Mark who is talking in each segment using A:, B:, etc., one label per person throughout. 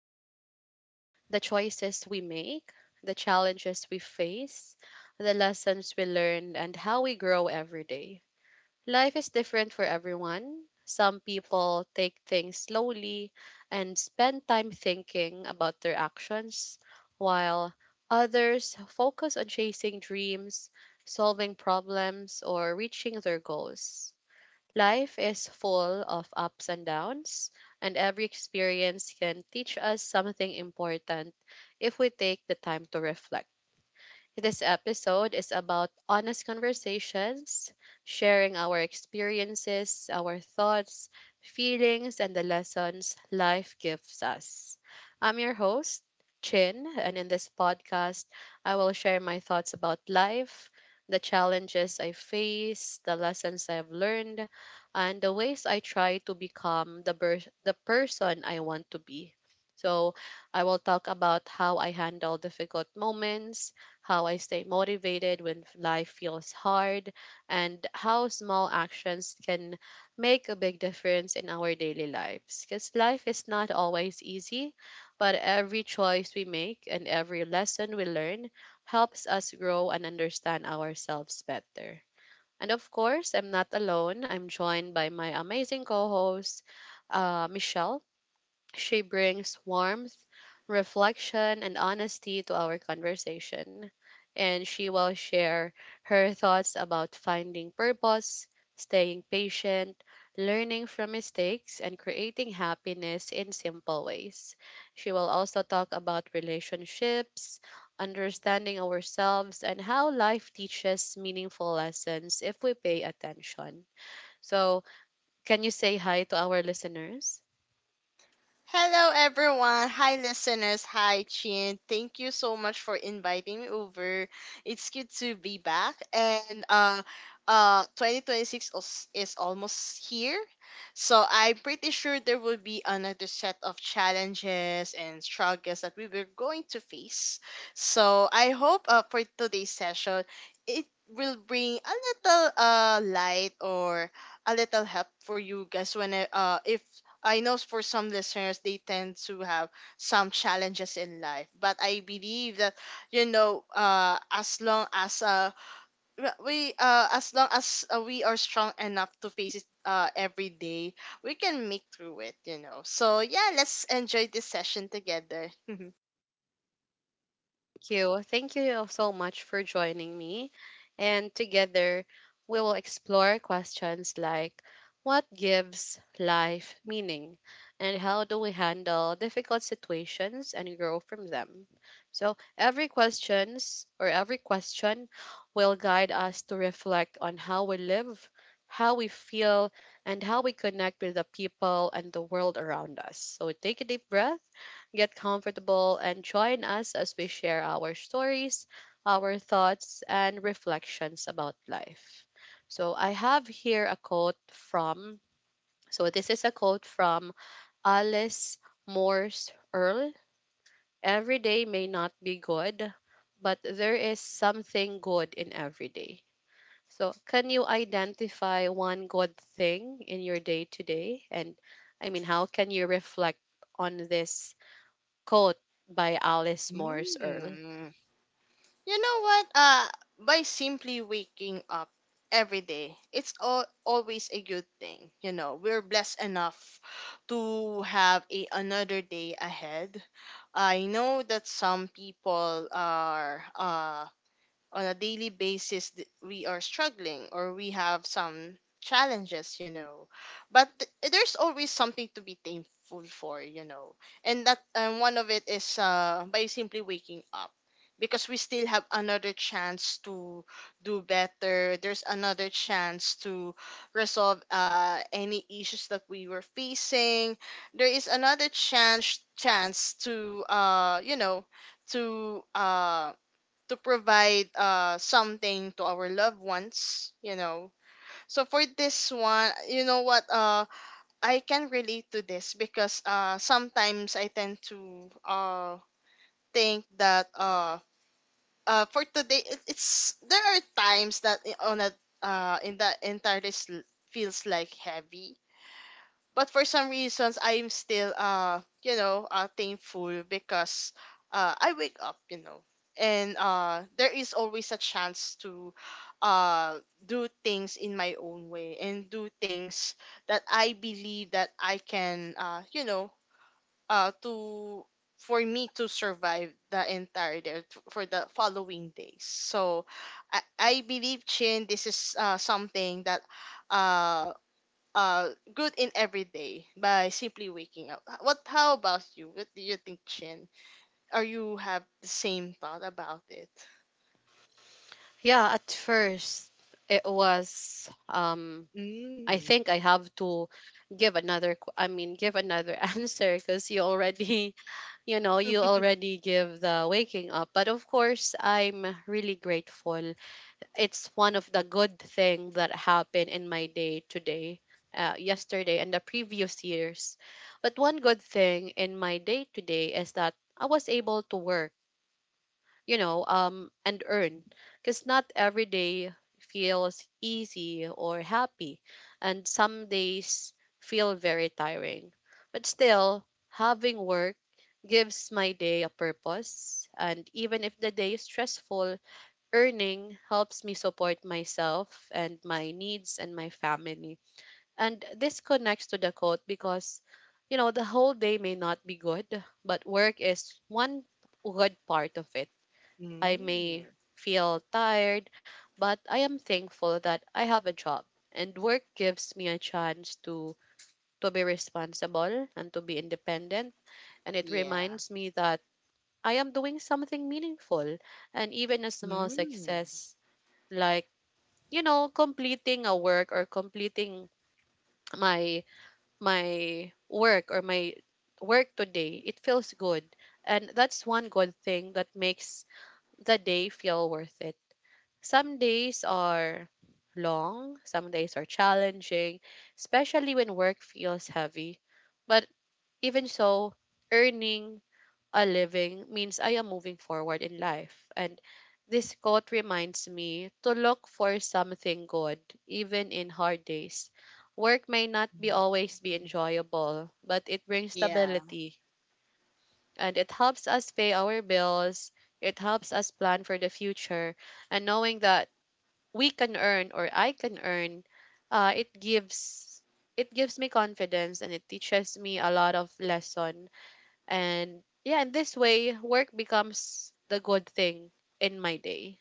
A: life, the choices we make, the challenges we face, the lessons we learn, and how we grow every day. Life is different for everyone. Some people take things slowly and spend time thinking about their actions, while others focus on chasing dreams, solving problems, or reaching their goals. Life is full of ups and downs, and every experience can teach us something important if we take the time to reflect. This episode is about honest conversations, sharing our experiences, our thoughts, feelings, and the lessons life gives us. I'm your host, Chin, and in this podcast, I will share my thoughts about life, the challenges I face, the lessons I've learned, and the ways I try to become the person I want to be. So, I will talk about how I handle difficult moments, how I stay motivated when life feels hard, and how small actions can make a big difference in our daily lives. Because life is not always easy, but every choice we make and every lesson we learn helps us grow and understand ourselves better. And of course, I'm not alone. I'm joined by my amazing co host, Michelle. She brings warmth, reflection, and honesty to our conversation, and she will share her thoughts about finding purpose, staying patient, learning from mistakes, and creating happiness in simple ways. She will also talk about relationships, understanding ourselves, and how life teaches meaningful lessons if we pay attention. So, can you say hi to our listeners?
B: Hello, everyone. Hi, listeners. Hi, Chin. Thank you so much for inviting me over. It's good to be back. And 2026 is almost here. So I'm pretty sure there will be another set of challenges and struggles that we were going to face. So I hope for today's session, it will bring a little light or a little help for you guys when if I know for some listeners they tend to have some challenges in life, but I believe that as long as we are strong enough to face it every day, we can make through it. You know, so yeah, let's enjoy this session together.
A: You. Thank you so much for joining me. And together, we will explore questions like what gives life meaning and how do we handle difficult situations and grow from them. So, every question will guide us to reflect on how we live, how we feel, and how we connect with the people and the world around us. So, take a deep breath. Get comfortable and join us as we share our stories, our thoughts, and reflections about life. So, I have here a quote from, so this is a quote from Alice Morse Earl. Every day may not be good, but there is something good in every day. So, can you identify one good thing in your day today? And I mean, how can you reflect on this coat by Alice Morse Earl.
B: Mm. You know what? By simply waking up every day, it's always a good thing. You know, we're blessed enough to have a another day ahead. I know that some people are on a daily basis we are struggling or we have some challenges, you know, but there's always something to be thankful for, you know, and that and one of it is by simply waking up, because we still have another chance to do better. There's another chance to resolve any issues that we were facing. There is another chance to, to um to provide something to our loved ones, you know. So for this one, you know what, I can relate to this, because sometimes I tend to think that for today it's there are times that on a in that entire list feels like heavy. But for some reasons, I'm still, thankful because I wake up, you know. And there is always a chance to uh do things in my own way, and do things that I believe that I can, you know to for me to survive the entire day, for the following days. So I believe, Chin, this is something that uh uh good in every day by simply waking up. H- What how about you? What do you think, Chin? Are you have the same thought about it?
A: Yeah, at first it was I
B: Mm.
A: think I have to I mean give another answer because you already you know you already give the waking up, but of course I'm really grateful it's one of the good thing that happened in my day today, yesterday and the previous years. But one good thing in my day today is that I was able to work, you know, and earn. Because not every day feels easy or happy, and some days feel very tiring. But still, having work gives my day a purpose. And even if the day is stressful, earning helps me support myself and my needs and my family. And this connects to the quote because, you know, the whole day may not be good, but work is one good part of it. I may
B: Mm.
A: feel tired, but I am thankful that I have a job. And work gives me a chance to be responsible and to be independent. And it
B: Yeah.
A: reminds me that I am doing something meaningful. And even a small
B: Mm.
A: success, like, you know, completing a work or completing my my work or my work today, it feels good. And that's one good thing that makes the day feel worth it. Some days are long, some days are challenging, especially when work feels heavy. But even so, earning a living means I am moving forward in life. And this quote reminds me to look for something good, even in hard days. Work may not be always be enjoyable, but it brings
B: Yeah.
A: stability and it helps us pay our bills. It helps us plan for the future, and knowing that we can earn or I can earn, uh, it gives it gives me confidence and it teaches me a lot of lesson. And yeah, in this way, work becomes the good thing in my day.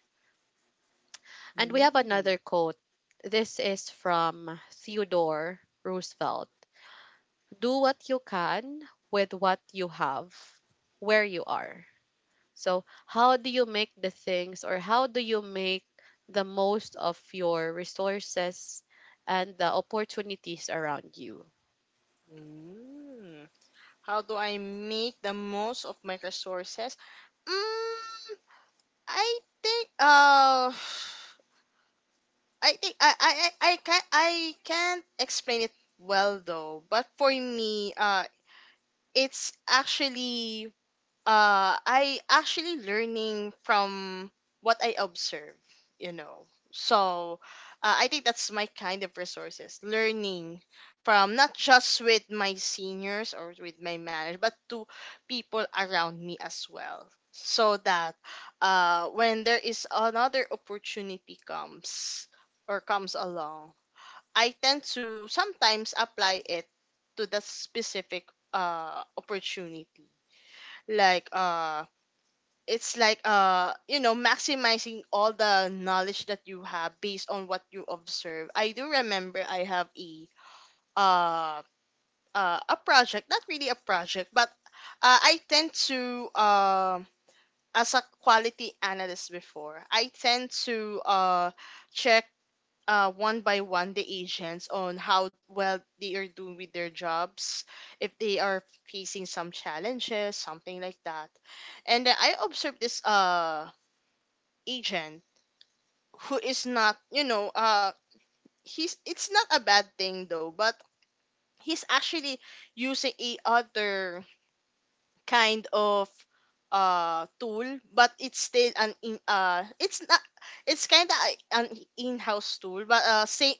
A: And we have
B: Mm.
A: another quote. This is from Theodore Roosevelt. Do what you can with what you have, where you are. So, how do you make the things or how do you make the most of your resources and the opportunities around you?
B: Mm. How do I make the most of my resources? Mm, I think I think I can I can't explain it well though, but for me, it's actually I actually learning from what I observe, you know. So I think that's my kind of resources, learning from not just with my seniors or with my manager, but to people around me as well. So that when there is another opportunity comes along, I tend to sometimes apply it to the specific opportunity. Like uh it's like, you know, maximizing all the knowledge that you have based on what you observe. I do remember I have uh, a project, not really a project, but I tend to as a quality analyst before, I tend to check one by one the agents on how well they are doing with their jobs, if they are facing some challenges, something like that. And then I observed this agent who is not, you know, he's it's not a bad thing though, but he's actually using a other kind of tool, but it's still an in it's not, it's kind of an in-house tool, but same,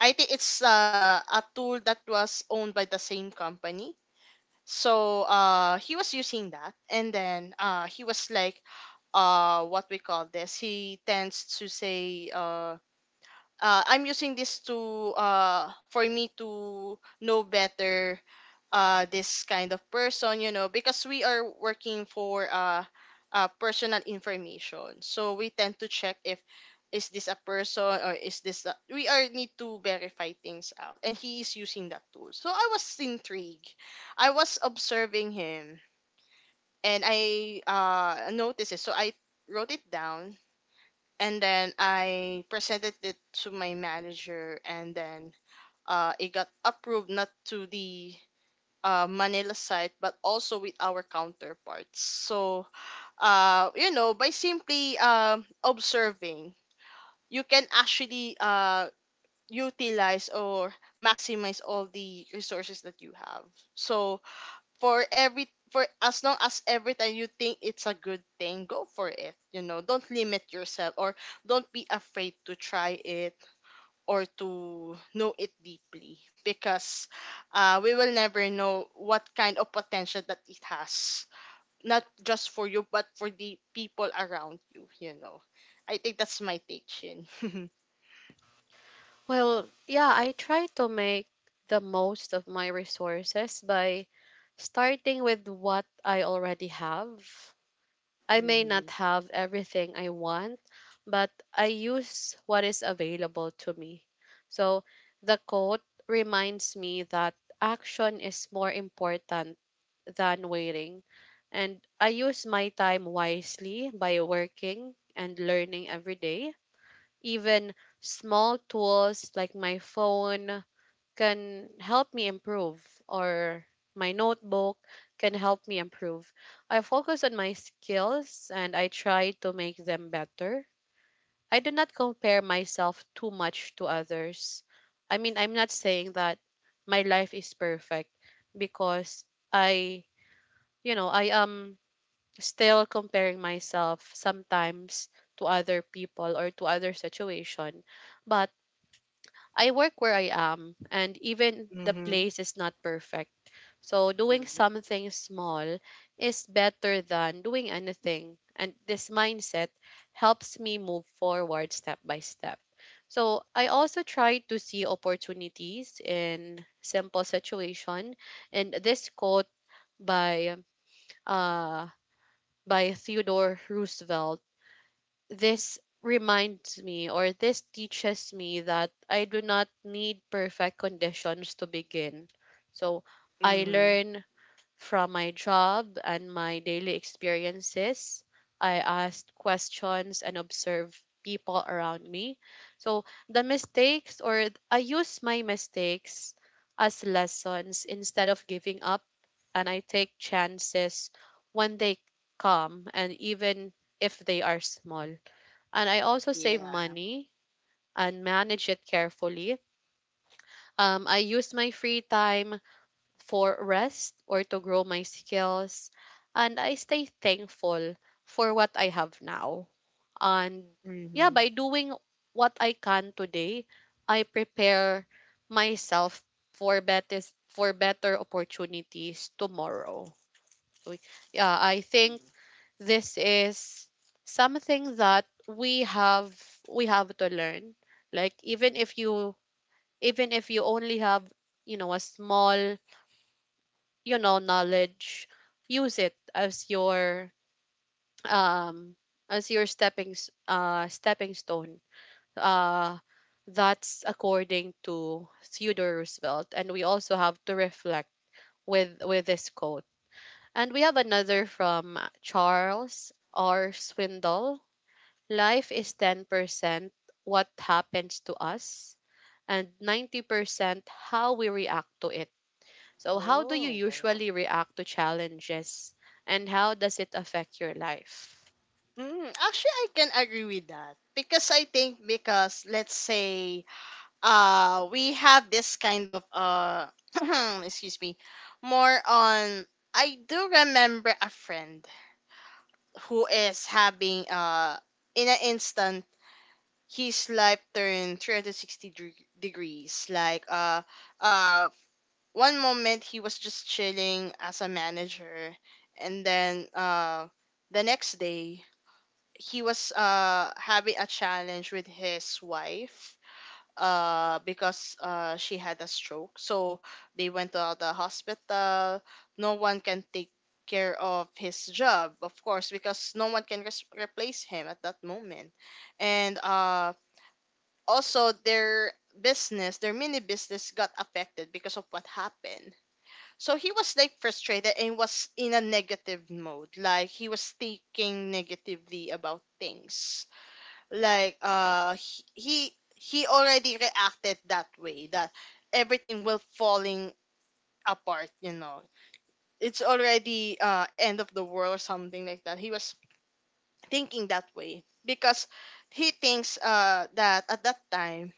B: I think it's a tool that was owned by the same company. So he was using that, and then he was like, what we call this. He tends to say, I'm using this to, for me to know better this kind of person, you know, because we are working for personal information, so we tend to check if is this a person or is this a, we are need to verify things out, and he is using that tool. So I was intrigued, I was observing him, and I noticed it. So I wrote it down and then I presented it to my manager, and then it got approved, not to the Manila side, but also with our counterparts. So, you know, by simply observing, you can actually utilize or maximize all the resources that you have. So, for every for as long as every time you think it's a good thing, go for it. You know, don't limit yourself, or don't be afraid to try it or to know it deeply, because we will never know what kind of potential that it has, not just for you but for the people around you, you know. I think that's my take, Shin.
A: Well, yeah, I try to make the most of my resources by starting with what I already have. I may not
B: Mm-hmm.
A: have everything I want, but I use what is available to me. So, the quote reminds me that action is more important than waiting. And I use my time wisely by working and learning every day. Even small tools like my phone can help me improve, or my notebook can help me improve. I focus on my skills and I try to make them better. I do not compare myself too much to others. I mean, I'm not saying that my life is perfect because I, you know, I am still comparing myself sometimes to other people or to other situation. But I work where I am and even the
B: Hmm.
A: place is not perfect. So doing something small is better than doing anything. And this mindset helps me move forward step by step. So I also try to see opportunities in simple situation. And this quote by uh by Theodore Roosevelt, this reminds me or this teaches me that I do not need perfect conditions to begin. So I
B: Hmm.
A: learn from my job and my daily experiences, I asked questions and observed people around me. So the mistakes, or I use my mistakes as lessons instead of giving up, and I take chances when they come, and even if they are small. And I also save
B: Yeah.
A: money and manage it carefully. I use my free time for rest or to grow my skills. And I stay thankful for what I have now. And yeah,
B: Hmm.
A: by doing what I can today, I prepare myself for better opportunities tomorrow. So, yeah, I think this is something that we have to learn. Like, even if you only have, you know, a small, you know, knowledge, use it as your um, as your stepping stone. uh that's according to Theodore Roosevelt, and we also have to reflect with this quote. And we have another from Charles R Swindoll: life is 10% what happens to us and 90% how we react to it. So, how do you
B: Oh.
A: usually react to challenges and how does it affect your life?
B: Mm, actually, I can agree with that, because I think, because let's say we have this kind of excuse me, more on, I do remember a friend who is having, in an instant his life turned 360 degrees. Uh One moment he was just chilling as a manager, and then the next day he was having a challenge with his wife, because she had a stroke. So they went to the hospital. No one can take care of his job, of course, because no one can replace him at that moment. And also their business, their mini business got affected because of what happened. So he was like frustrated and was in a negative mode, like he was thinking negatively about things. Like he already reacted that way, that everything will falling apart, you know. It's already end of the world or something like that. He was thinking that way because he thinks that at that time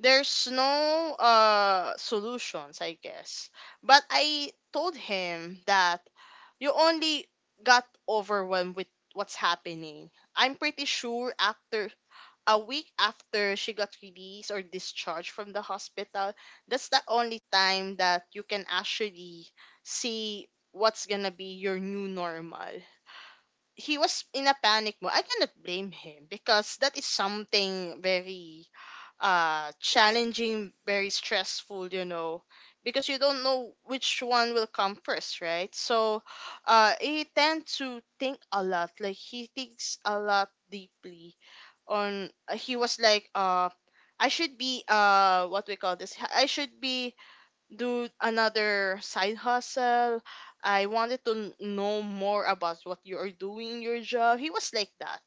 B: there's no solutions, I guess. But I told him that you only got overwhelmed with what's happening. I'm pretty sure after a week, after she got released or discharged from the hospital, that's the only time that you can actually see what's gonna be your new normal. He was in a panic mode. I cannot blame him, because that is something very challenging, very stressful, you know, because you don't know which one will come first, right? So he tend to think a lot, like he thinks a lot deeply on, he was like, I should be, what we call this, I should be do another side hustle. I wanted to know more about what you are doing in your job. He was like that.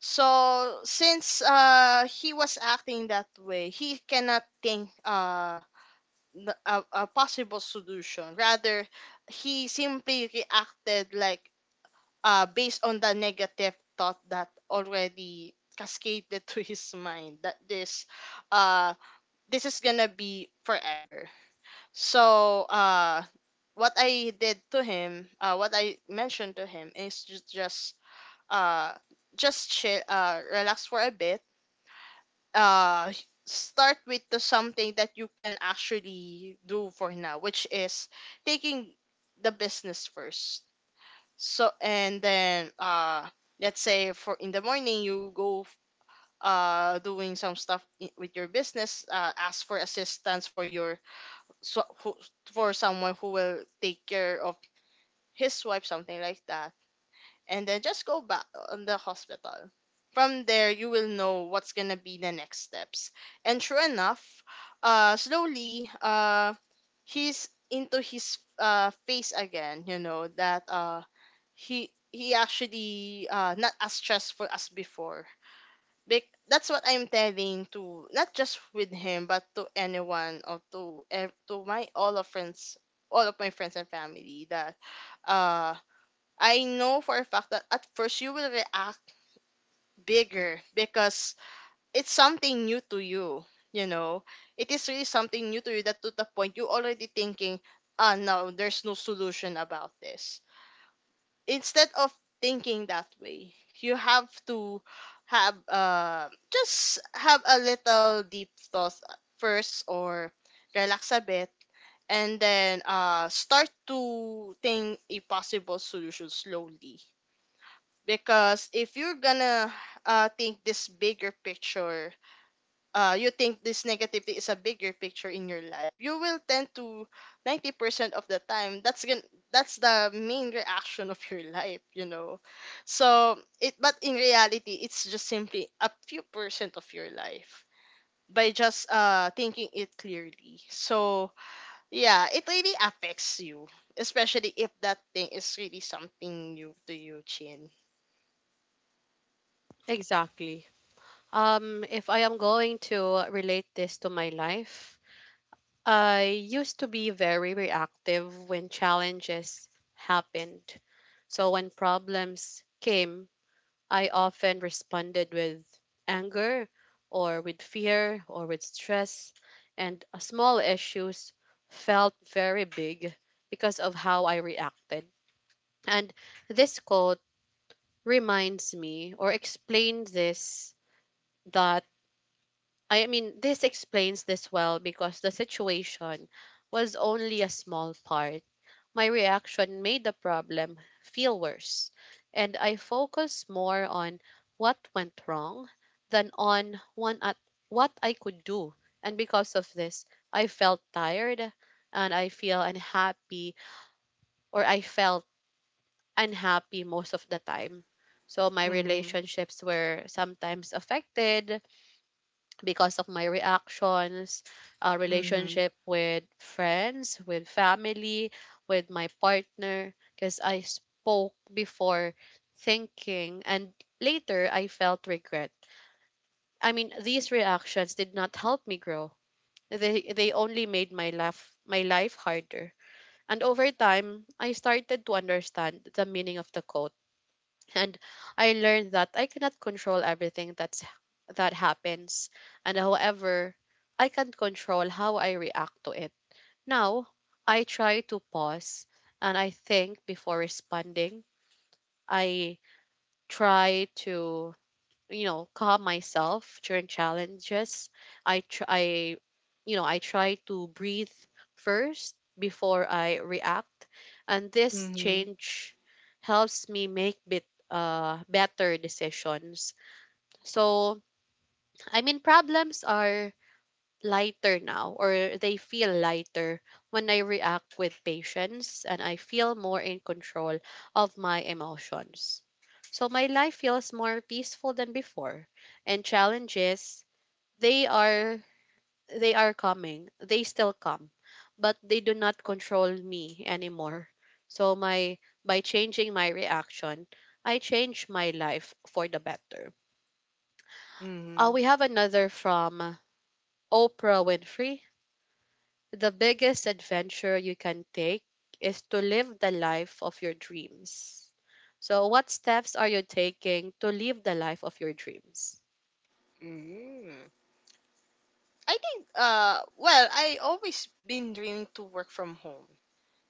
B: So since he was acting that way, he cannot think a possible solution. Rather, he simply reacted like, based on the negative thought that already cascaded to his mind, that uh this is gonna be forever. So what I did to him, what I mentioned to him is uh just chill, relax for a bit. uh Start with the something that you can actually do for now, which is taking the business first. So and then let's say for in the morning you go doing some stuff with your business, ask for assistance for so who, for someone who will take care of his wife, something like that, and then just go back on the hospital. From there you will know what's gonna be the next steps. And sure enough, slowly he's into his phase again, you know, that he actually not as stressful as before. That's what I'm telling to not just with him but to anyone, or to to my all of friends, all of my friends and family, that uh I know for a fact that at first you will react bigger because it's something new to you. You know, it is really something new to you, that to the point you already thinking, ah no, there's no solution about this. Instead of thinking that way, you have to have, just have a little deep thought first, or relax a bit, and then start to think a possible solution slowly. Because if you're gonna think this bigger picture, you think this negativity is a bigger picture in your life, you will tend to 90% of the time that's the main reaction of your life, you know. So it, but in reality it's just simply a few percent of your life by just thinking it clearly. So yeah, it really affects you, especially if that thing is really something new to you, Chin.
A: Exactly. If I am going to relate this to my life, I used to be very reactive when challenges happened. So when problems came, I often responded with anger or with fear or with stress, and small issues felt very big because of how I reacted. And this quote reminds me or explains this that I mean this explains this well because the situation was only a small part. My reaction made the problem feel worse and I focused more on what went wrong than on one at what I could do. And because of this, I felt tired and I felt unhappy most of the time. So my
B: Mm-hmm.
A: relationships were sometimes affected because of my reactions,
B: Mm-hmm.
A: relationship with friends, with family, with my partner, because I spoke before thinking and later I felt regret. I mean, these reactions did not help me grow. They only made my life harder. And over time, I started to understand the meaning of the quote and I learned that I cannot control everything that happens, and however I can control how I react to it. Now, I try to pause and I think before responding. I try to, you know, calm myself during challenges. I you know, I try to breathe first before I react, and this
B: Mm-hmm.
A: change helps me make bit better decisions. So I mean problems are lighter now or they feel lighter when I react with patience and I feel more in control of my emotions. So my life feels more peaceful than before, and challenges they are they are coming. They still come, but they do not control me anymore. So my by changing my reaction, I change my life for the better. We have another from Oprah Winfrey. The biggest adventure you can take is to live the life of your dreams. So, what steps are you taking to live the life of your dreams?
B: Mm-hmm. I think well, I always been dreaming to work from home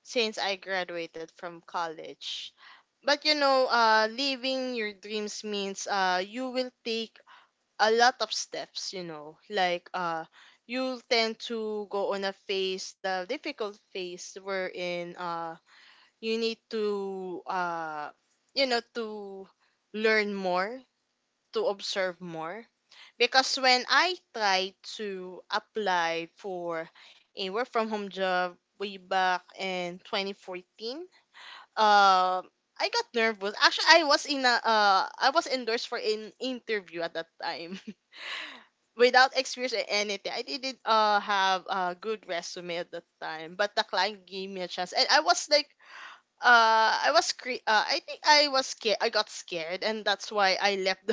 B: since I graduated from college. But you know, living your dreams means you will take a lot of steps, you know. Like you'll tend to go on a phase, the difficult phase wherein you need to you know to learn more, to observe more, because when I tried to apply for a work from home job way back in 2014, uh, I got nervous. Actually, I was endorsed for an interview at that time without experience or anything. I didn't have a good resume at that time, but the client gave me a chance, and I was like, I think I was scared. I got scared, and that's why I left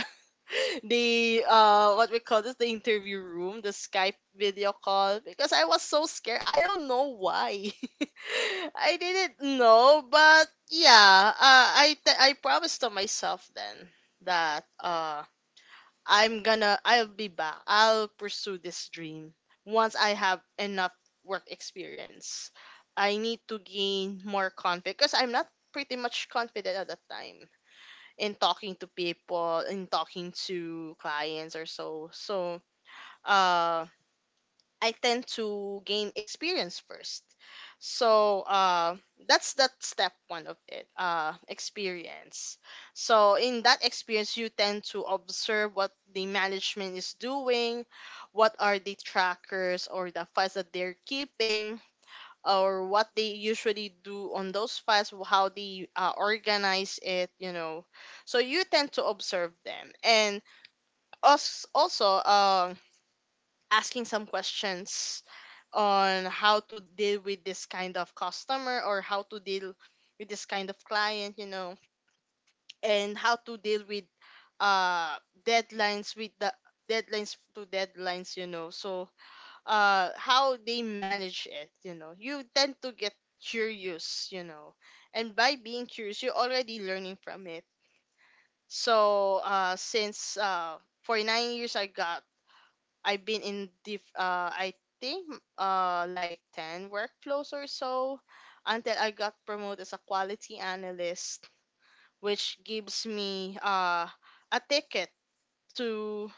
B: the what we call this the interview room, the Skype video call, because I was so scared. I don't know why. I didn't know, but yeah, I promised to myself then that I'll be back, I'll pursue this dream once I have enough work experience. I need to gain more confidence because I'm not pretty much confident at that time in talking to people, in talking to clients or so. So uh, I tend to gain experience first. So that's that step one of it, experience. So in that experience, you tend to observe what the management is doing, what are the trackers or the files that they're keeping, or what they usually do on those files, how they organize it, you know. So you tend to observe them, and us also asking some questions on how to deal with this kind of customer or how to deal with this kind of client, you know, and how to deal with uh deadlines with the deadlines to deadlines, you know. So how they manage it, you know. You tend to get curious, you know, and by being curious you're already learning from it. So since for 9 years I got, I've been in the I think like 10 workflows or so, until I got promoted as a quality analyst, which gives me a ticket to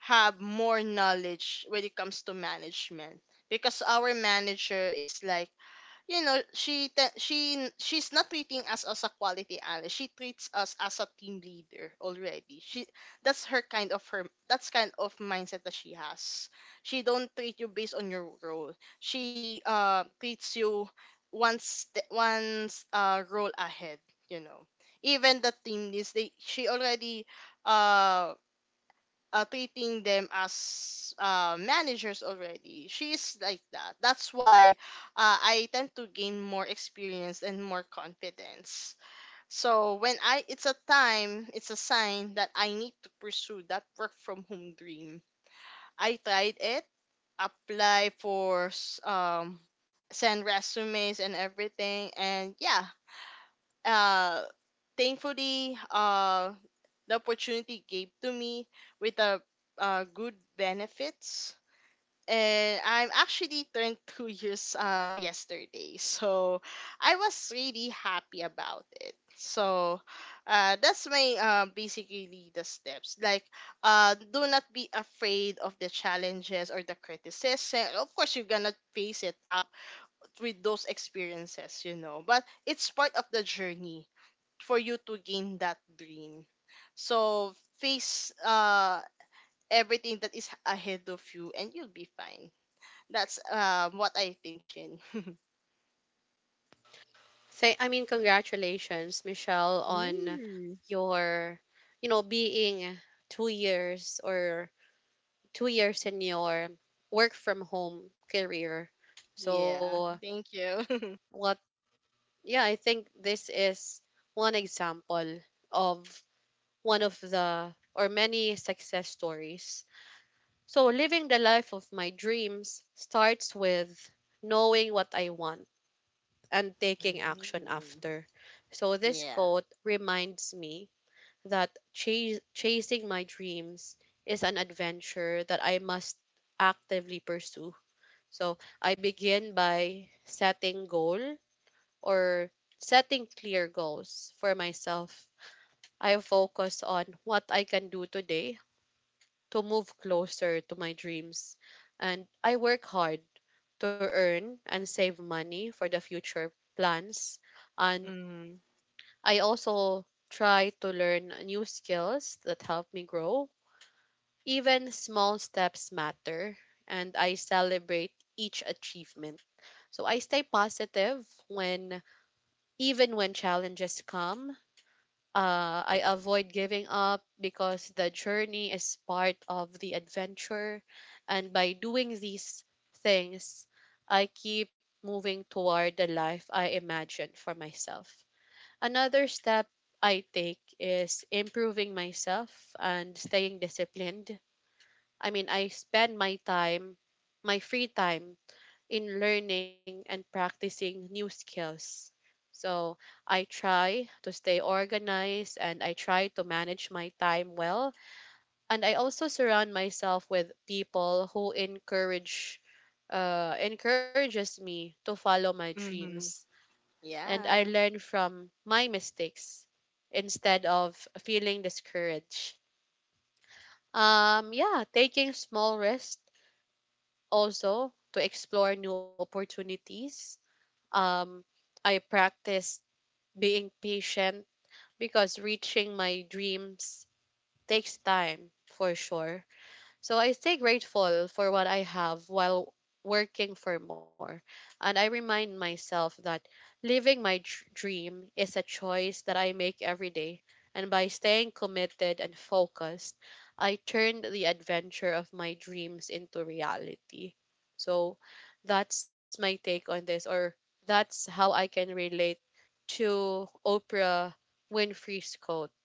B: have more knowledge when it comes to management, because our manager is like, you know, she, she's not treating us as a quality analyst, she treats us as a team leader already. She that's her kind of her That's kind of mindset that she has. She don't treat you based on your role. She treats you once role ahead, you know. Even the team is, they she already uh treating them as managers already. She is like that. That's why I tend to gain more experience and more confidence. So when I, it's a time, it's a sign that I need to pursue that work from home dream. I tried it, apply for send resumes and everything, and yeah, uh, thankfully, the opportunity gave to me with a good benefits. And I'm actually turned 2 years yesterday, so I was really happy about it. So that's my basically the steps. Like, do not be afraid of the challenges or the criticism. Of course, you're gonna face it up with those experiences, you know. But it's part of the journey for you to gain that dream. So face everything that is ahead of you and you'll be fine. That's what I think, Shin.
A: Say, I mean, congratulations, Michelle, on
B: Mm.
A: your, you know, being two years or 2 years in your work from home career. So,
B: Yeah, thank you.
A: what, yeah, I think this is one example of one of the or many success stories. So, living the life of my dreams starts with knowing what I want and taking action
B: Mm.
A: after. So, this
B: Yeah.
A: quote reminds me that chasing my dreams is an adventure that I must actively pursue. So, I begin by or setting clear goals for myself. I focus on what I can do today to move closer to my dreams, and I work hard to earn and save money for the future plans. And
B: Mm.
A: I also try to learn new skills that help me grow. Even small steps matter, and I celebrate each achievement. So I stay positive when even when challenges come. I avoid giving up because the journey is part of the adventure. And by doing these things, I keep moving toward the life I imagine for myself. Another step I take is improving myself and staying disciplined. I mean, I spend my free time in learning and practicing new skills. So I try to stay organized, and I try to manage my time well. And I also surround myself with people who encourages me to follow my dreams.
B: Mm.
A: And I
B: Yeah.
A: learn from my mistakes instead of feeling discouraged. Yeah, taking small risks also to explore new opportunities. Um, I practiced being patient because reaching my dreams takes time for sure. So I stay grateful for what I have while working for more. And I remind myself that living my dream is a choice that I make every day. And by staying committed and focused, I turned the adventure of my dreams into reality. So that's my take on this, or that's how I can relate to Oprah Winfrey's quote,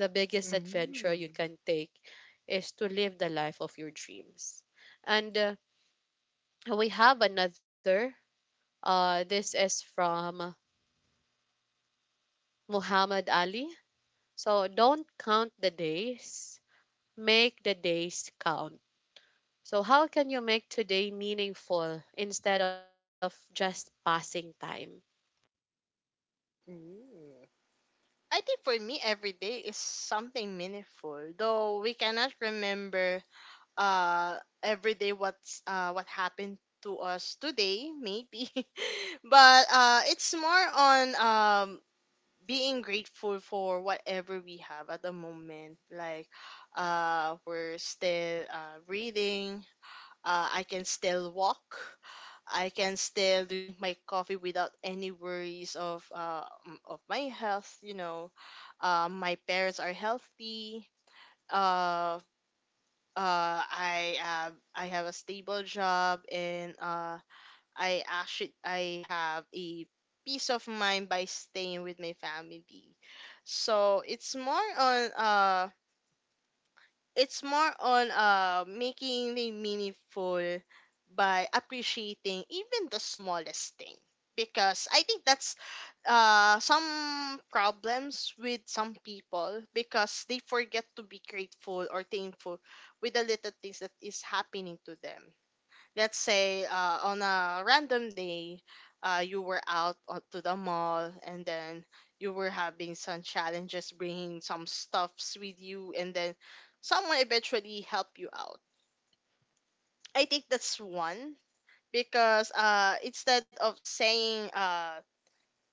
A: the biggest adventure you
B: Mm.
A: can take is to live the life of your dreams. And we have another. This is from Muhammad Ali. So, don't count the days, make the days count. So, how can you make today meaningful instead of just passing time?
B: Mm. I think for me, every day is something meaningful, though we cannot remember uh every day what happened to us today, maybe. But it's more on being grateful for whatever we have at the moment. Like, we're still breathing, I can still walk, I can still drink my coffee without any worries of of my health, you know. My parents are healthy. uh I have, I have a stable job, and I have a peace of mind by staying with my family. So it's more on making it meaningful by appreciating even the smallest thing, because I think that's some problems with some people, because they forget to be grateful or thankful with the little things that is happening to them. Let's say on a random day, you were to the mall, and then you were having some challenges bringing some stuffs with you, and then someone eventually helped you out. I think that's one, because instead of saying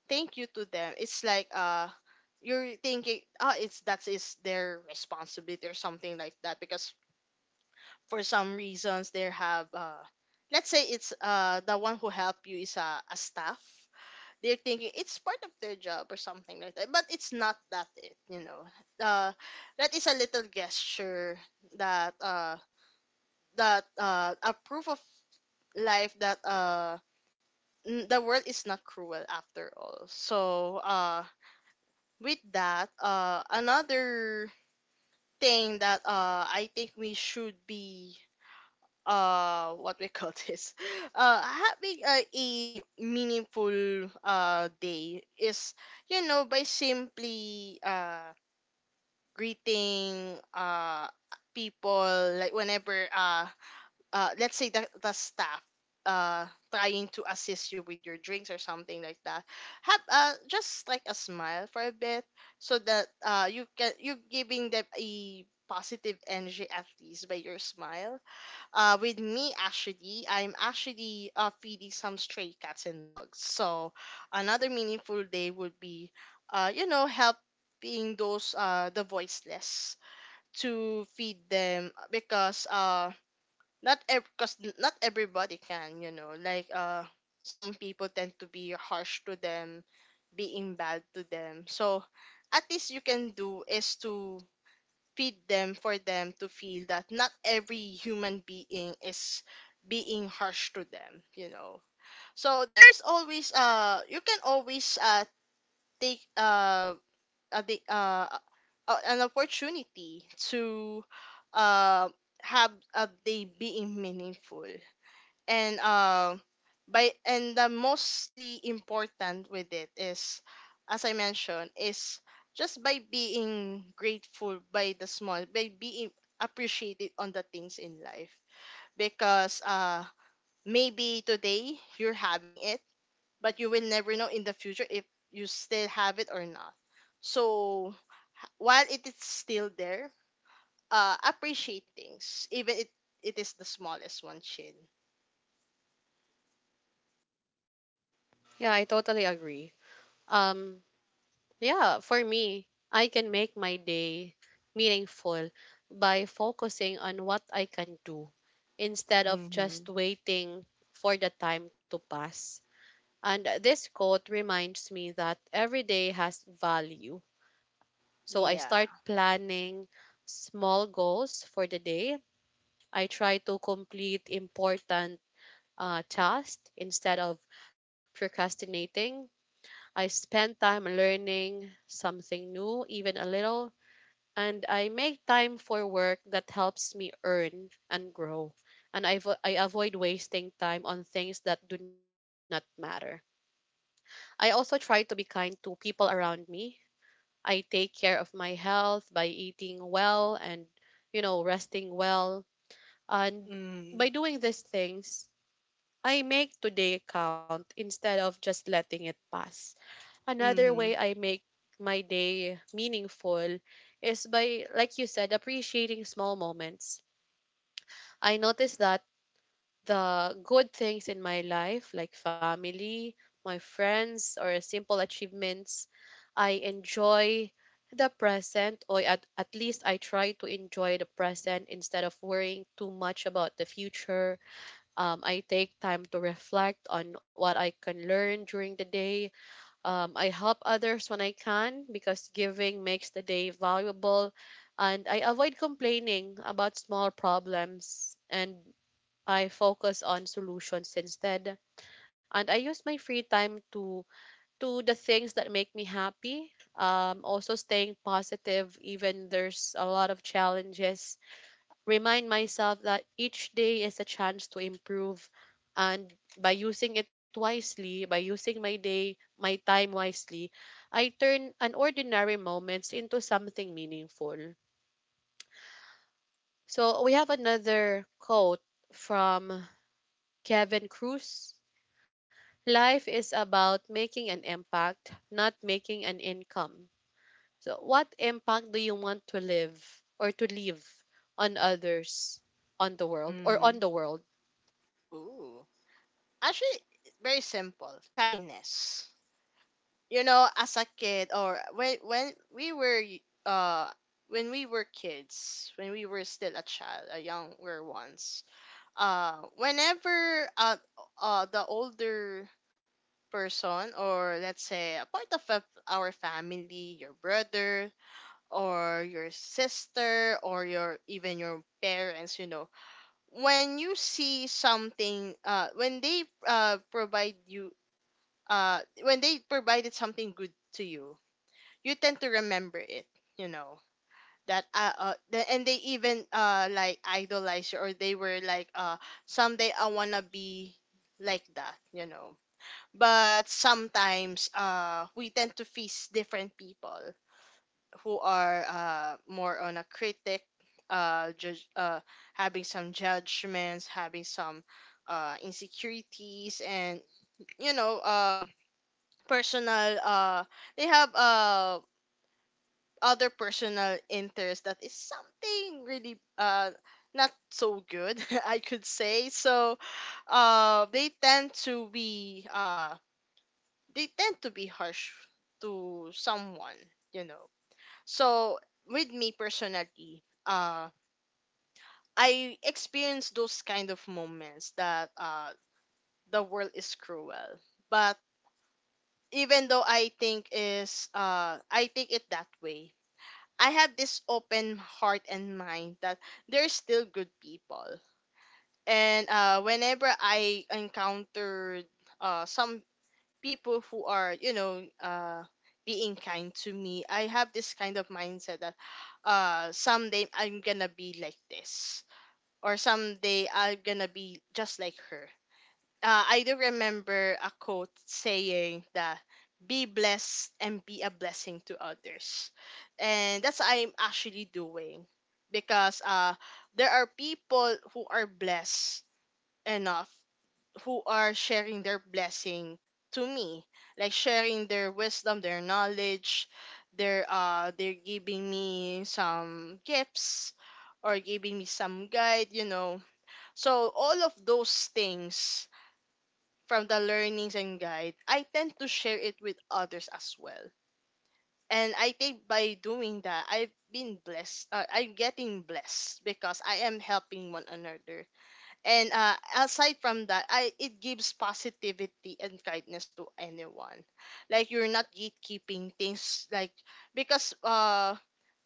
B: thank you to them, it's like, you're thinking, oh, it's, that is their responsibility or something like that, because for some reasons they have let's say it's the one who help you is a staff. They're thinking it's part of their job or something like that, but it's not that, it, you know. uh that is a little gesture, that uh that a proof of life, that the world is not cruel after all. So with that, another thing that I think we should be, what we call this, having a meaningful day is, you know, by simply greeting people. Like whenever let's say the staff uh trying to assist you with your drinks or something like that, have just like a smile for a bit, so that you're giving them a positive energy at least by your smile. With me, actually, I'm actually feeding some stray cats and dogs. So another meaningful day would be, you know, helping those the voiceless, to feed them, because not everybody can, you know, like, some people tend to be harsh to them, being bad to them. So at least you can do is to feed them, for them to feel that not every human being is being harsh to them, you know. So there's always you can always take a big, an opportunity to uh have a day being meaningful. And by and the mostly important with it is, as I mentioned, is just by being grateful, by the small, by being appreciated on the things in life, because maybe today you're having it, but you will never know in the future if you still have it or not. So while it is still there, appreciate things, even it, it is the smallest one, Chin.
A: Yeah, I totally agree. Um, Yeah, for me, I can make my day meaningful by focusing on what I can do instead of
B: Mm-hmm.
A: just waiting for the time to pass. And this quote reminds me that every day has value. So I
B: Yeah.
A: start planning small goals for the day. I try to complete important tasks instead of procrastinating. I spend time learning something new, even a little, and I make time for work that helps me earn and grow. And I avoid wasting time on things that do not matter. I also try to be kind to people around me. I take care of my health by eating well and, you know, resting well. And by
B: Mhm.
A: doing these things, I make today count instead of just letting it pass. Another way
B: Mhm.
A: I make my day meaningful is by, like you said, appreciating small moments. I notice that the good things in my life, like family, my friends, or simple achievements, I enjoy the present, or at least I try to enjoy the present instead of worrying too much about the future. I take time to reflect on what I can learn during the day. I help others when I can because giving makes the day valuable. And I avoid complaining about small problems, and I focus on solutions instead. And I use my free time to do the things that make me happy. Also, staying positive even there's a lot of challenges, remind myself that each day is a chance to improve, and by using my day my time wisely, I turn unordinary moments into something meaningful. So we have another quote from Kevin Cruz. Life is about making an impact, not making an income. So what impact do you want to live or to leave on others, on
B: Mhm.
A: the world?
B: Ooh. Actually, it's very simple. Kindness. You know, as a kid, or when we were kids, when we were still a child, a younger ones, whenever the older person, or let's say a part of our family, your brother or your sister or your even your parents, you know, when you see something when they provide you, when they provided something good to you, you tend to remember it, you know, that the, and they even like idolize you, or they were like, someday I wanna be like that, you know. But sometimes we tend to face different people who are, more on a critic, judge, having some judgments, having some insecurities, and, you know, personal. They have other personal interest that is something really not so good, I could say. So, uh, they tend to be uh, they tend to be harsh to someone. You know, so with me personally, I experienced those kind of moments that the world is cruel. But even though I think it that way, I have this open heart and mind that there's still good people. And whenever I encountered some people who are, you know, being kind to me, I have this kind of mindset that someday I'm gonna be like this, or someday I'm gonna be just like her. I do remember a quote saying that be blessed and be a blessing to others. And that's what I'm actually doing because there are people who are blessed enough who are sharing their blessing to me, like sharing their wisdom, their knowledge, their are they're giving me some gifts or giving me some guide. So all of those things, from the learnings and guide, I tend to share it with others as well. And I think by doing that, I've been blessed. I'm getting blessed because I am helping one another. And aside from that, I it gives positivity and kindness to anyone. Like, you're not gatekeeping things, like, because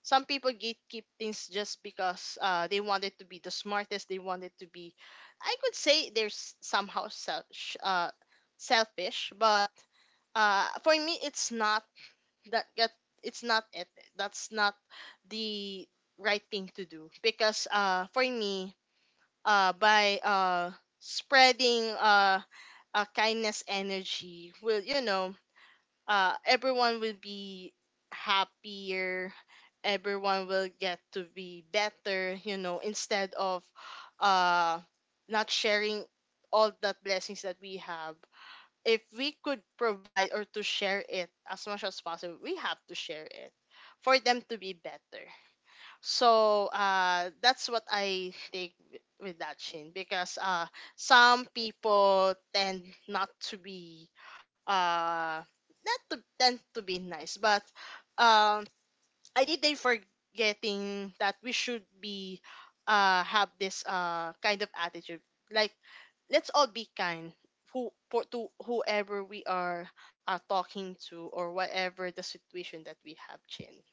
B: some people gatekeep things just because they wanted to be the smartest, they wanted to be, I could say, somehow selfish, selfish. But for me, it's not that. It's not it That's not the right thing to do, because for me, by spreading a kindness energy will, you know, everyone will be happier, everyone will get to be better, you know, instead of uh, not sharing all that blessings that we have. If we could provide or to share it as much as possible, we have to share it for them to be better. So that's what I think with that, Shin, because some people tend not to be uh, not to tend to be nice. But um, I think they forgetting that we should be, have this kind of attitude. Like, let's all be kind, who for, to whoever we are talking to, or whatever the situation that we have, Chin.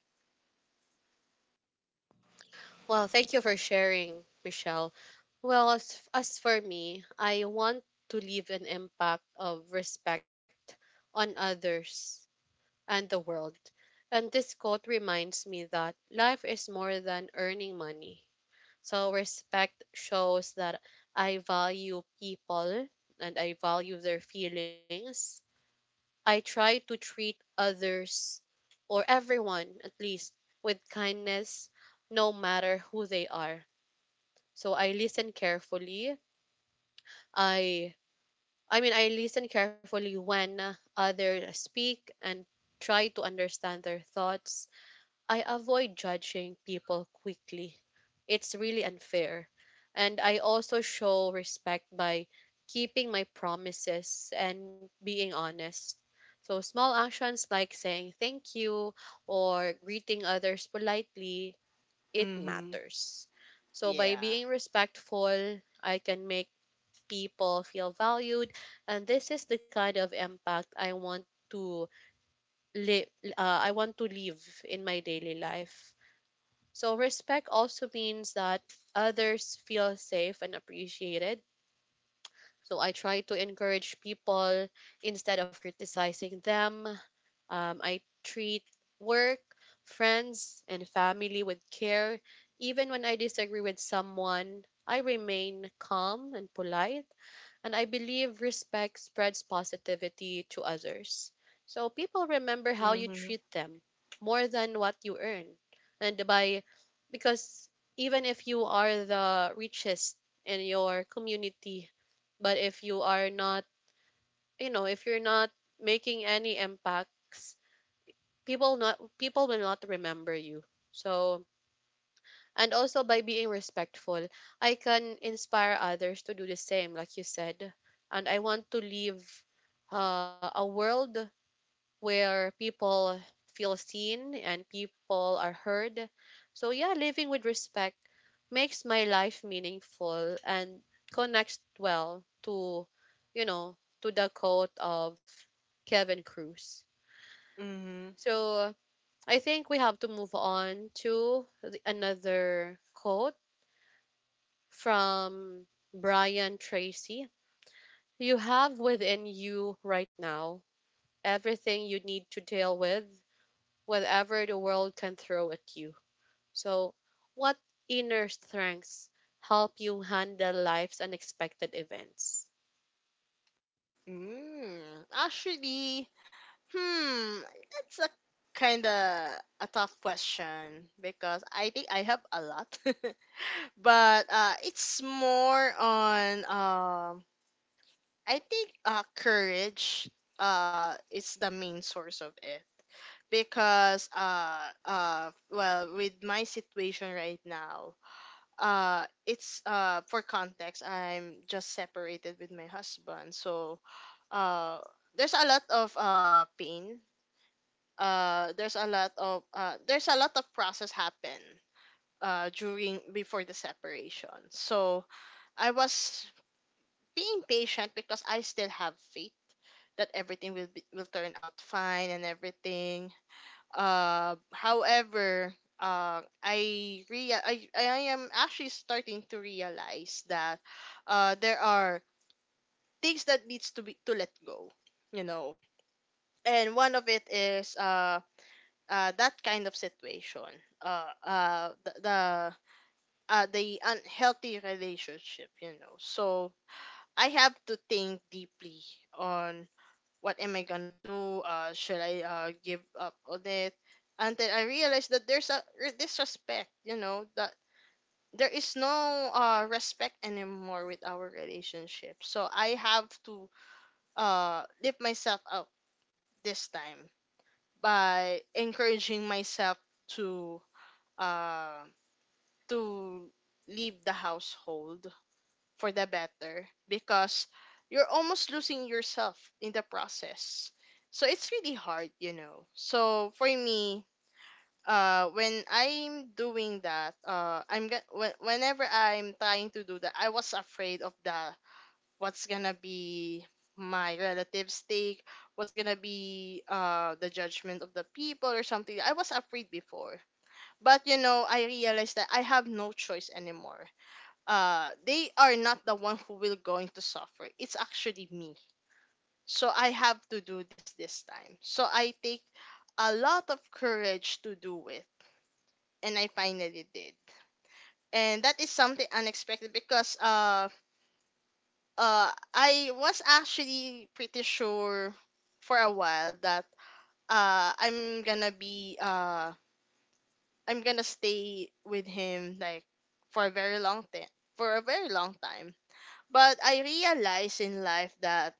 A: Well, thank you for sharing, Michelle. Well, as for me, I want to leave an impact of respect on others and the world. And this quote reminds me that life is more than earning money. So, respect shows that I value people and I value their feelings. I try to treat others, or everyone, at least, with kindness, no matter who they are. So I listen carefully. I I mean I listen carefully when others speak and try to understand their thoughts. I avoid judging people quickly. It's really unfair. And I also show respect by keeping my promises and being honest. So small actions like saying thank you or greeting others politely, it
B: Mm-hmm.
A: matters. So by
B: Yeah.
A: being respectful, I can make people feel valued, and this is the kind of impact I want to live live in my daily life. So respect also means that others feel safe and appreciated. So I try to encourage people instead of criticizing them. I treat work, friends, and family with care. Even when I disagree with someone, I remain calm and polite, and I believe respect spreads positivity to others. So people remember how you treat them more than what you earn. And by because even if you are the richest in your community, but if you are not, you know, if you're not making any impact, people will not remember you. So, and also by being respectful, I can inspire others to do the same, like you said. And I want to live a world where people feel seen and people are heard. So yeah, living with respect makes my life meaningful and connects well to, you know, to the quote of Kevin Cruz.
B: Mhm.
A: So I think we have to move on to another quote from Brian Tracy. You have within you right now everything you need to deal with whatever the world can throw at you. So, what inner strengths help you handle life's unexpected events?
B: Mm. Actually, hmm, that's a kind of a tough question because I think I have a lot, but it's more on, I think, courage is the main source of it, because well, with my situation right now, it's, for context, I'm just separated with my husband. So uh there's a lot of pain, there's a lot of process happen during, before the separation. So I was being patient because I still have faith that everything will be, will turn out fine and everything. However, I am actually starting to realize that there are things that needs to be to let go, you know. And one of it is that kind of situation, the the unhealthy relationship, you know. So I have to think deeply on what am I gonna do. Should I give up on it? Until I realize that there's a disrespect, you know, that there is no respect anymore with our relationship. So I have to lift myself up this time by encouraging myself to uh, to leave the household for the better, because you're almost losing yourself in the process. So it's really hard, you know. So for me, when I'm doing that, I'm get when whenever I'm trying to do that, I was afraid of the what's gonna be my relative's take, what's gonna be the judgment of the people or something. I was afraid before. But you know, I realized that I have no choice anymore. Uh, they are not the one who will going to suffer. It's actually me. So I have to do this this time. So I take a lot of courage to do it, and I finally did. And that is something unexpected, because I was actually pretty sure for a while that I'm gonna be, I'm gonna stay with him, like, for a very long time, for a very long time. But I realized in life that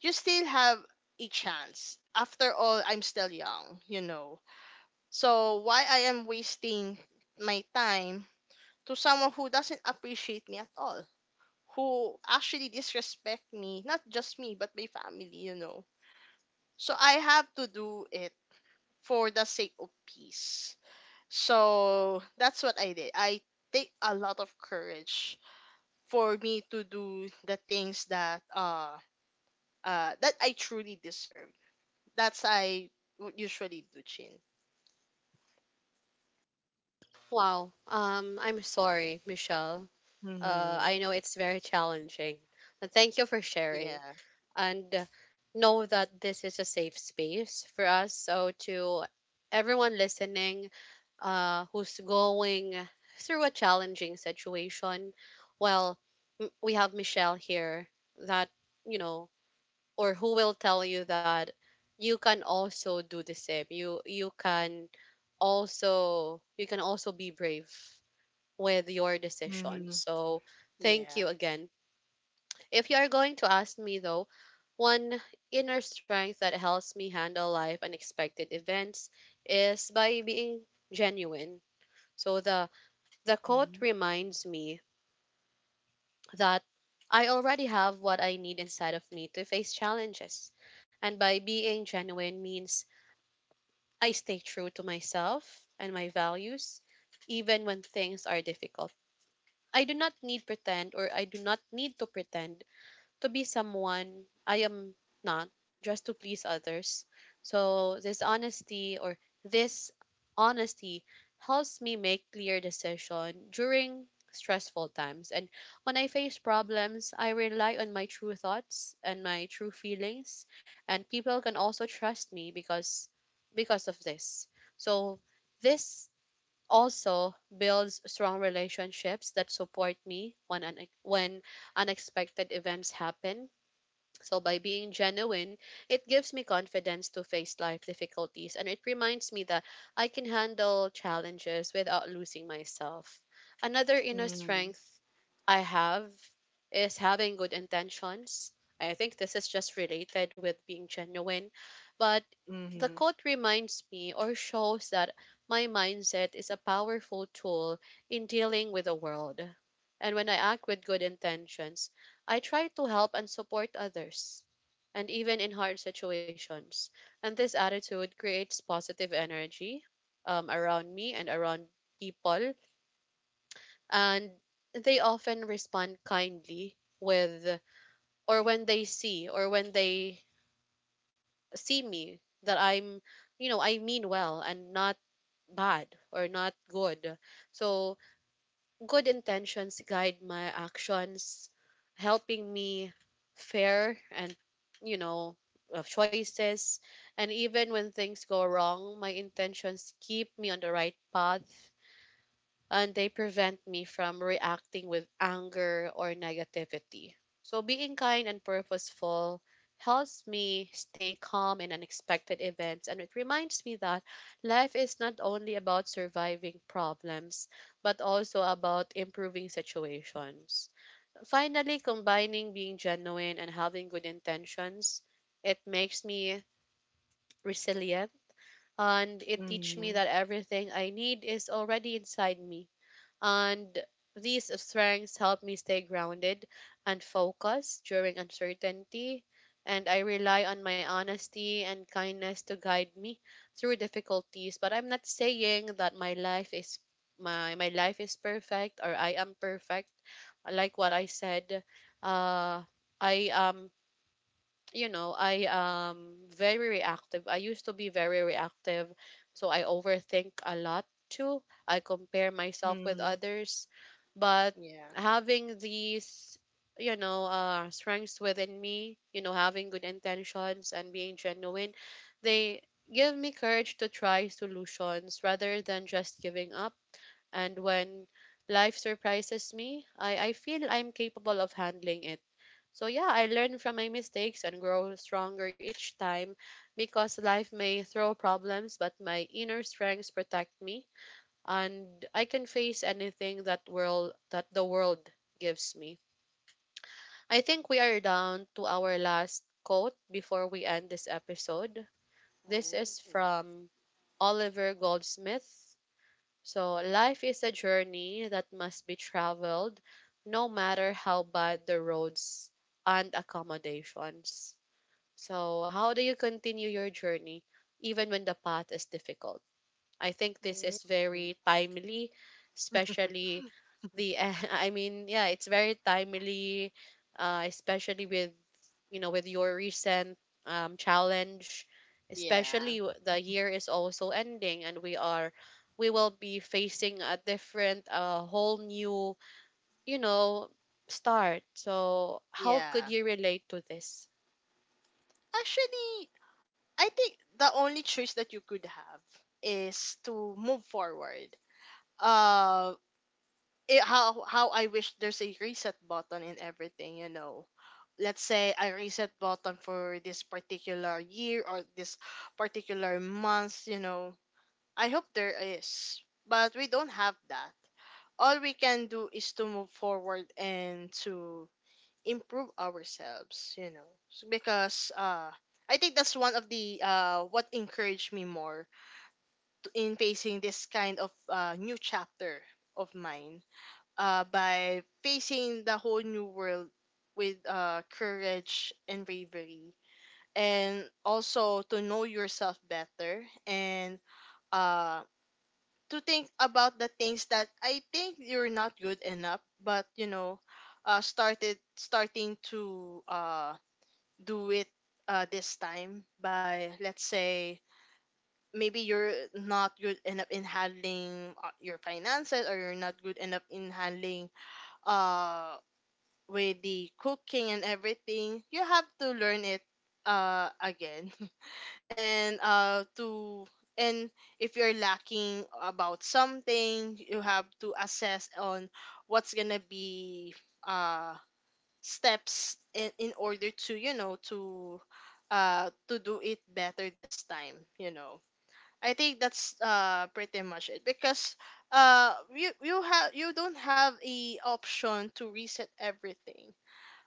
B: you still have a chance. After all, I'm still young, you know. So why I am wasting my time to someone who doesn't appreciate me at all? Who actually disrespect me, not just me, but my family, you know. So I have to do it for the sake of peace. So that's what I did. I take a lot of courage for me to do the things that that I truly deserve. That's I would usually do, Chin.
A: Wow. I'm sorry, Michelle. I
B: Mm-hmm.
A: know it's very challenging. But thank you for sharing.
B: Yeah.
A: And know that this is a safe space for us. So, to everyone listening, who's going through a challenging situation, well, we have Michelle here that, you know, or who will tell you that you can also do the same. You can also be brave with your decision.
B: Mm-hmm.
A: So thank
B: Yeah.
A: you again. If you are going to ask me though, one inner strength that helps me handle life unexpected events is by being genuine. So the quote
B: Mm-hmm.
A: reminds me that I already have what I need inside of me to face challenges. And by being genuine means I stay true to myself and my values even when things are difficult. I do not need to pretend to be someone I am not just to please others. So this honesty helps me make clear decision during stressful times, and when I face problems I rely on my true thoughts and my true feelings, and people can also trust me because of this. So this also builds strong relationships that support me when unexpected events happen. So by being genuine, it gives me confidence to face life difficulties, and it reminds me that I can handle challenges without losing myself. Another inner
B: Mm-hmm.
A: strength I have is having good intentions. I think this is just related with being genuine, but the quote reminds me or shows that my mindset is a powerful tool in dealing with the world. And when I act with good intentions, I try to help and support others, and even in hard situations. And this attitude creates positive energy around me and around people, and they often respond kindly with, or when they see, or when they see me that I'm, you know, I mean well and not bad or not good. So good intentions guide my actions, helping me fair and, you know, of choices. And even when things go wrong, my intentions keep me on the right path, and they prevent me from reacting with anger or negativity. So being kind and purposeful helps me stay calm in unexpected events, and it reminds me that life is not only about surviving problems but also about improving situations. Finally, combining being genuine and having good intentions, it makes me resilient, and it teaches me
B: Mm-hmm.
A: that everything I need is already inside me, and these strengths help me stay grounded and focused during uncertainty, and I rely on my honesty and kindness to guide me through difficulties. But I'm not saying that my life is my life is perfect or I am perfect. Like what I said, uh, I am, you know, I am very reactive. I used to be very reactive, so I overthink a lot too. I compare myself with
B: Mm-hmm.
A: others, but
B: Yeah.
A: having these, strengths within me, you know, having good intentions and being genuine, they give me courage to try solutions rather than just giving up. And when life surprises me, I feel I'm capable of handling it. So yeah, I learn from my mistakes and grow stronger each time, because life may throw problems, but my inner strengths protect me and I can face anything that world that the world gives me. I think we are down to our last quote before we end this episode. This is from Oliver Goldsmith. So life is a journey that must be traveled no matter how bad the roads and accommodations. So, how do you continue your journey even when the path is difficult? I think this is
B: Mm-hmm.
A: very timely, especially the I mean, yeah, it's very timely, especially with you know with your recent challenge.
B: Yeah,
A: Especially the year is also ending, and we will be facing a different, a whole new, you know, start. So, how could
B: yeah.
A: you relate to this?
B: Actually, I think the only choice that you could have is to move forward. Uh, it, how I wish there's a reset button in everything. You know, let's say a reset button for this particular year or this particular month. You know, I hope there is, but we don't have that. All we can do is to move forward and to improve ourselves, you know. Because I think that's one of the what encouraged me more to, in facing this kind of new chapter of mine, by facing the whole new world with courage and bravery, and also to know yourself better, and uh to think about the things that I think you're not good enough but, you know, started starting to do it this time. By, let's say, maybe you're not good enough in handling your finances, or you're not good enough in handling uh with the cooking and everything, you have to learn it again. And to and if you're lacking about something, you have to assess on what's gonna be uh steps in order to, you know, to do it better this time, you know. I think that's pretty much it, because you don't have a option to reset everything.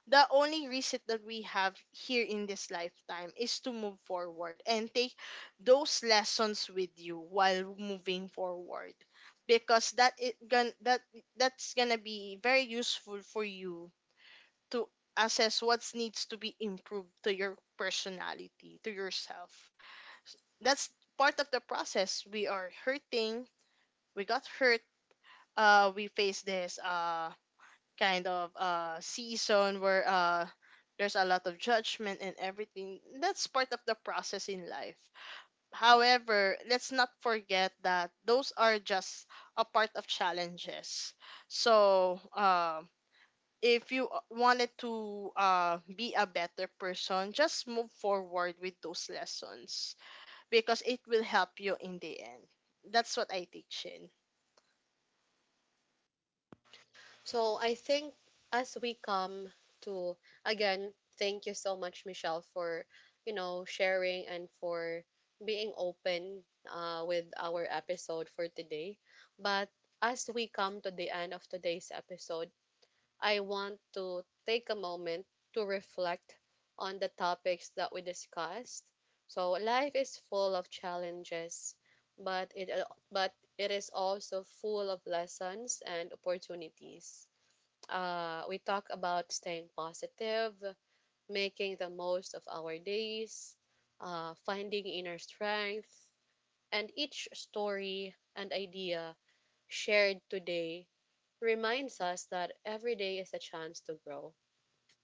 B: The only reset that we have here in this lifetime is to move forward and take those lessons with you while moving forward, because that's gonna be very useful for you to assess what needs to be improved to your personality, to yourself. That's part of the process. We are hurting. We got hurt. We face this kind of season where there's a lot of judgment and everything. That's part of the process in life. However, let's not forget that those are just a part of challenges. So, if you wanted to be a better person, just move forward with those lessons, because it will help you in the end. That's what I teach in.
A: So I think, as we come to, again, thank you so much, Michelle, for you know sharing and for being open with our episode for today. But as we come to the end of today's episode, I want to take a moment to reflect on the topics that we discussed. So life is full of challenges, but it but it is also full of lessons and opportunities. We talk about staying positive, making the most of our days, finding inner strength, and each story and idea shared today reminds us that every day is a chance to grow.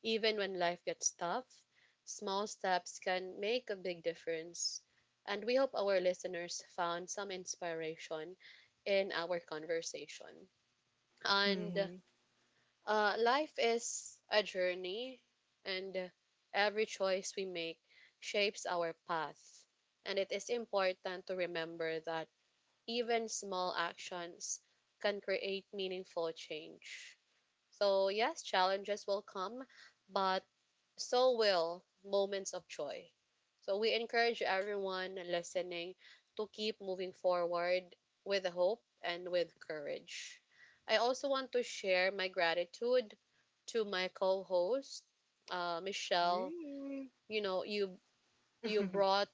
A: Even when life gets tough, small steps can make a big difference. And we hope our listeners found some inspiration in our conversation. And
B: Mm-hmm.
A: Life is a journey, and every choice we make shapes our path. And it is important to remember that even small actions can create meaningful change. So, yes, challenges will come, but so will moments of joy. So we encourage everyone listening to keep moving forward with hope and with courage. I also want to share my gratitude to my co-host, Michelle.
B: Mm-hmm.
A: You know, you brought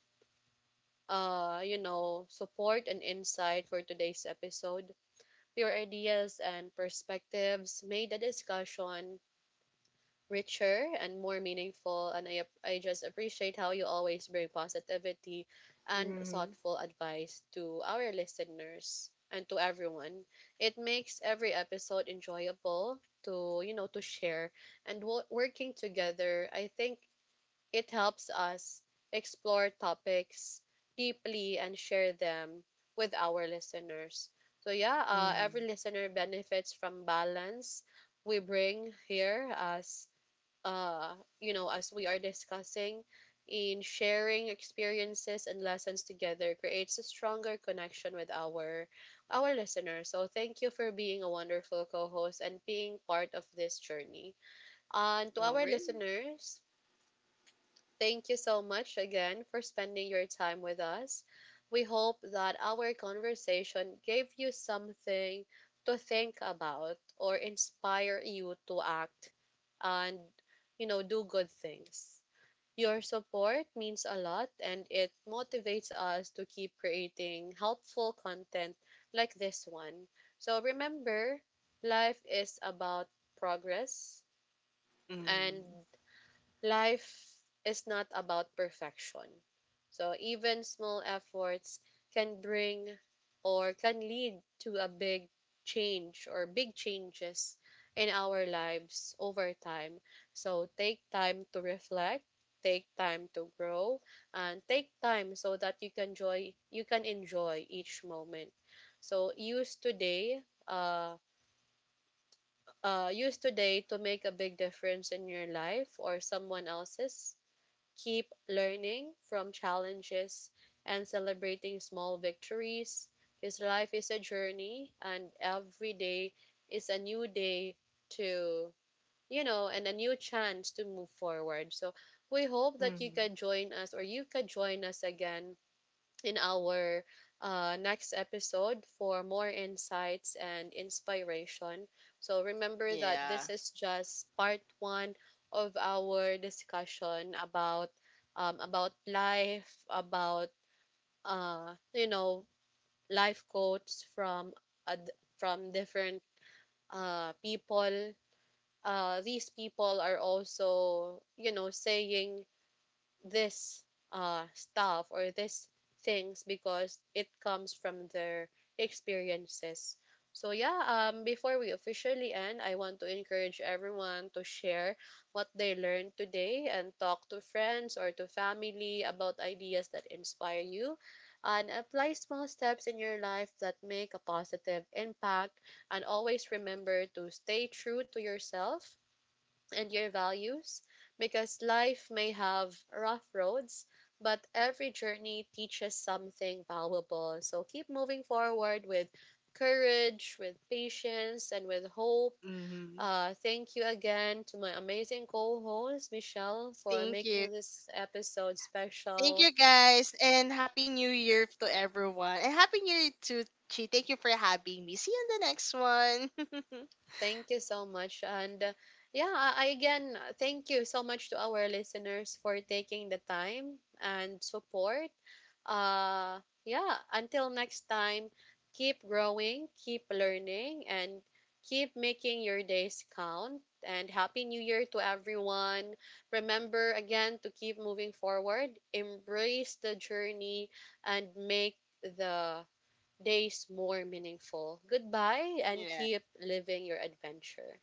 A: you know, support and insight for today's episode. Your ideas and perspectives made the discussion richer and more meaningful, and I just appreciate how you always bring positivity and
B: Hmm.
A: thoughtful advice to our listeners and to everyone. It makes every episode enjoyable to you know to share, and working together, I think it helps us explore topics deeply and share them with our listeners. So yeah,
B: Hmm.
A: every listener benefits from balance we bring here as, uh, you know, as we are discussing, in sharing experiences and lessons together creates a stronger connection with our listeners. So thank you for being a wonderful co-host and being part of this journey. And to
B: No
A: our
B: worries.
A: listeners, thank you so much again for spending your time with us. We hope that our conversation gave you something to think about or inspire you to act and you know do good things. Your support means a lot and it motivates us to keep creating helpful content like this one. So remember, life is about progress,
B: Hmm.
A: and life is not about perfection. So even small efforts can bring or can lead to a big change or big changes in our lives over time. So take time to reflect, take time to grow, and take time so that you can enjoy each moment. So uh use today to make a big difference in your life or someone else's. Keep learning from challenges and celebrating small victories. His life is a journey, and every day is a new day to, you know, and a new chance to move forward. So we hope that
B: Hmm.
A: you can join us again in our next episode for more insights and inspiration. So remember that
B: Yeah.
A: this is just part one of our discussion about life, about you know life quotes from from different people. These people are also you know saying this stuff or this things because it comes from their experiences. So yeah, before we officially end, I want to encourage everyone to share what they learned today and talk to friends or to family about ideas that inspire you, and apply small steps in your life that make a positive impact, and always remember to stay true to yourself and your values, because life may have rough roads, but every journey teaches something valuable. So keep moving forward with courage, with patience, and with hope.
B: Hmm.
A: Thank you again to my amazing co host, Michelle, for
B: Thank
A: making
B: you.
A: this episode
B: Thank
A: special.
B: you guys, and happy new year to everyone. And happy new year to Chi. Thank you for having me. See you in the next one.
A: Thank you so much. And yeah, I again thank you so much to our listeners for taking the time and support. Uh, yeah, until next time, keep growing, keep learning, and keep making your days count. And happy new year to everyone. Remember again to keep moving forward, embrace the journey, and make the days more meaningful. Goodbye, and keep living your adventure.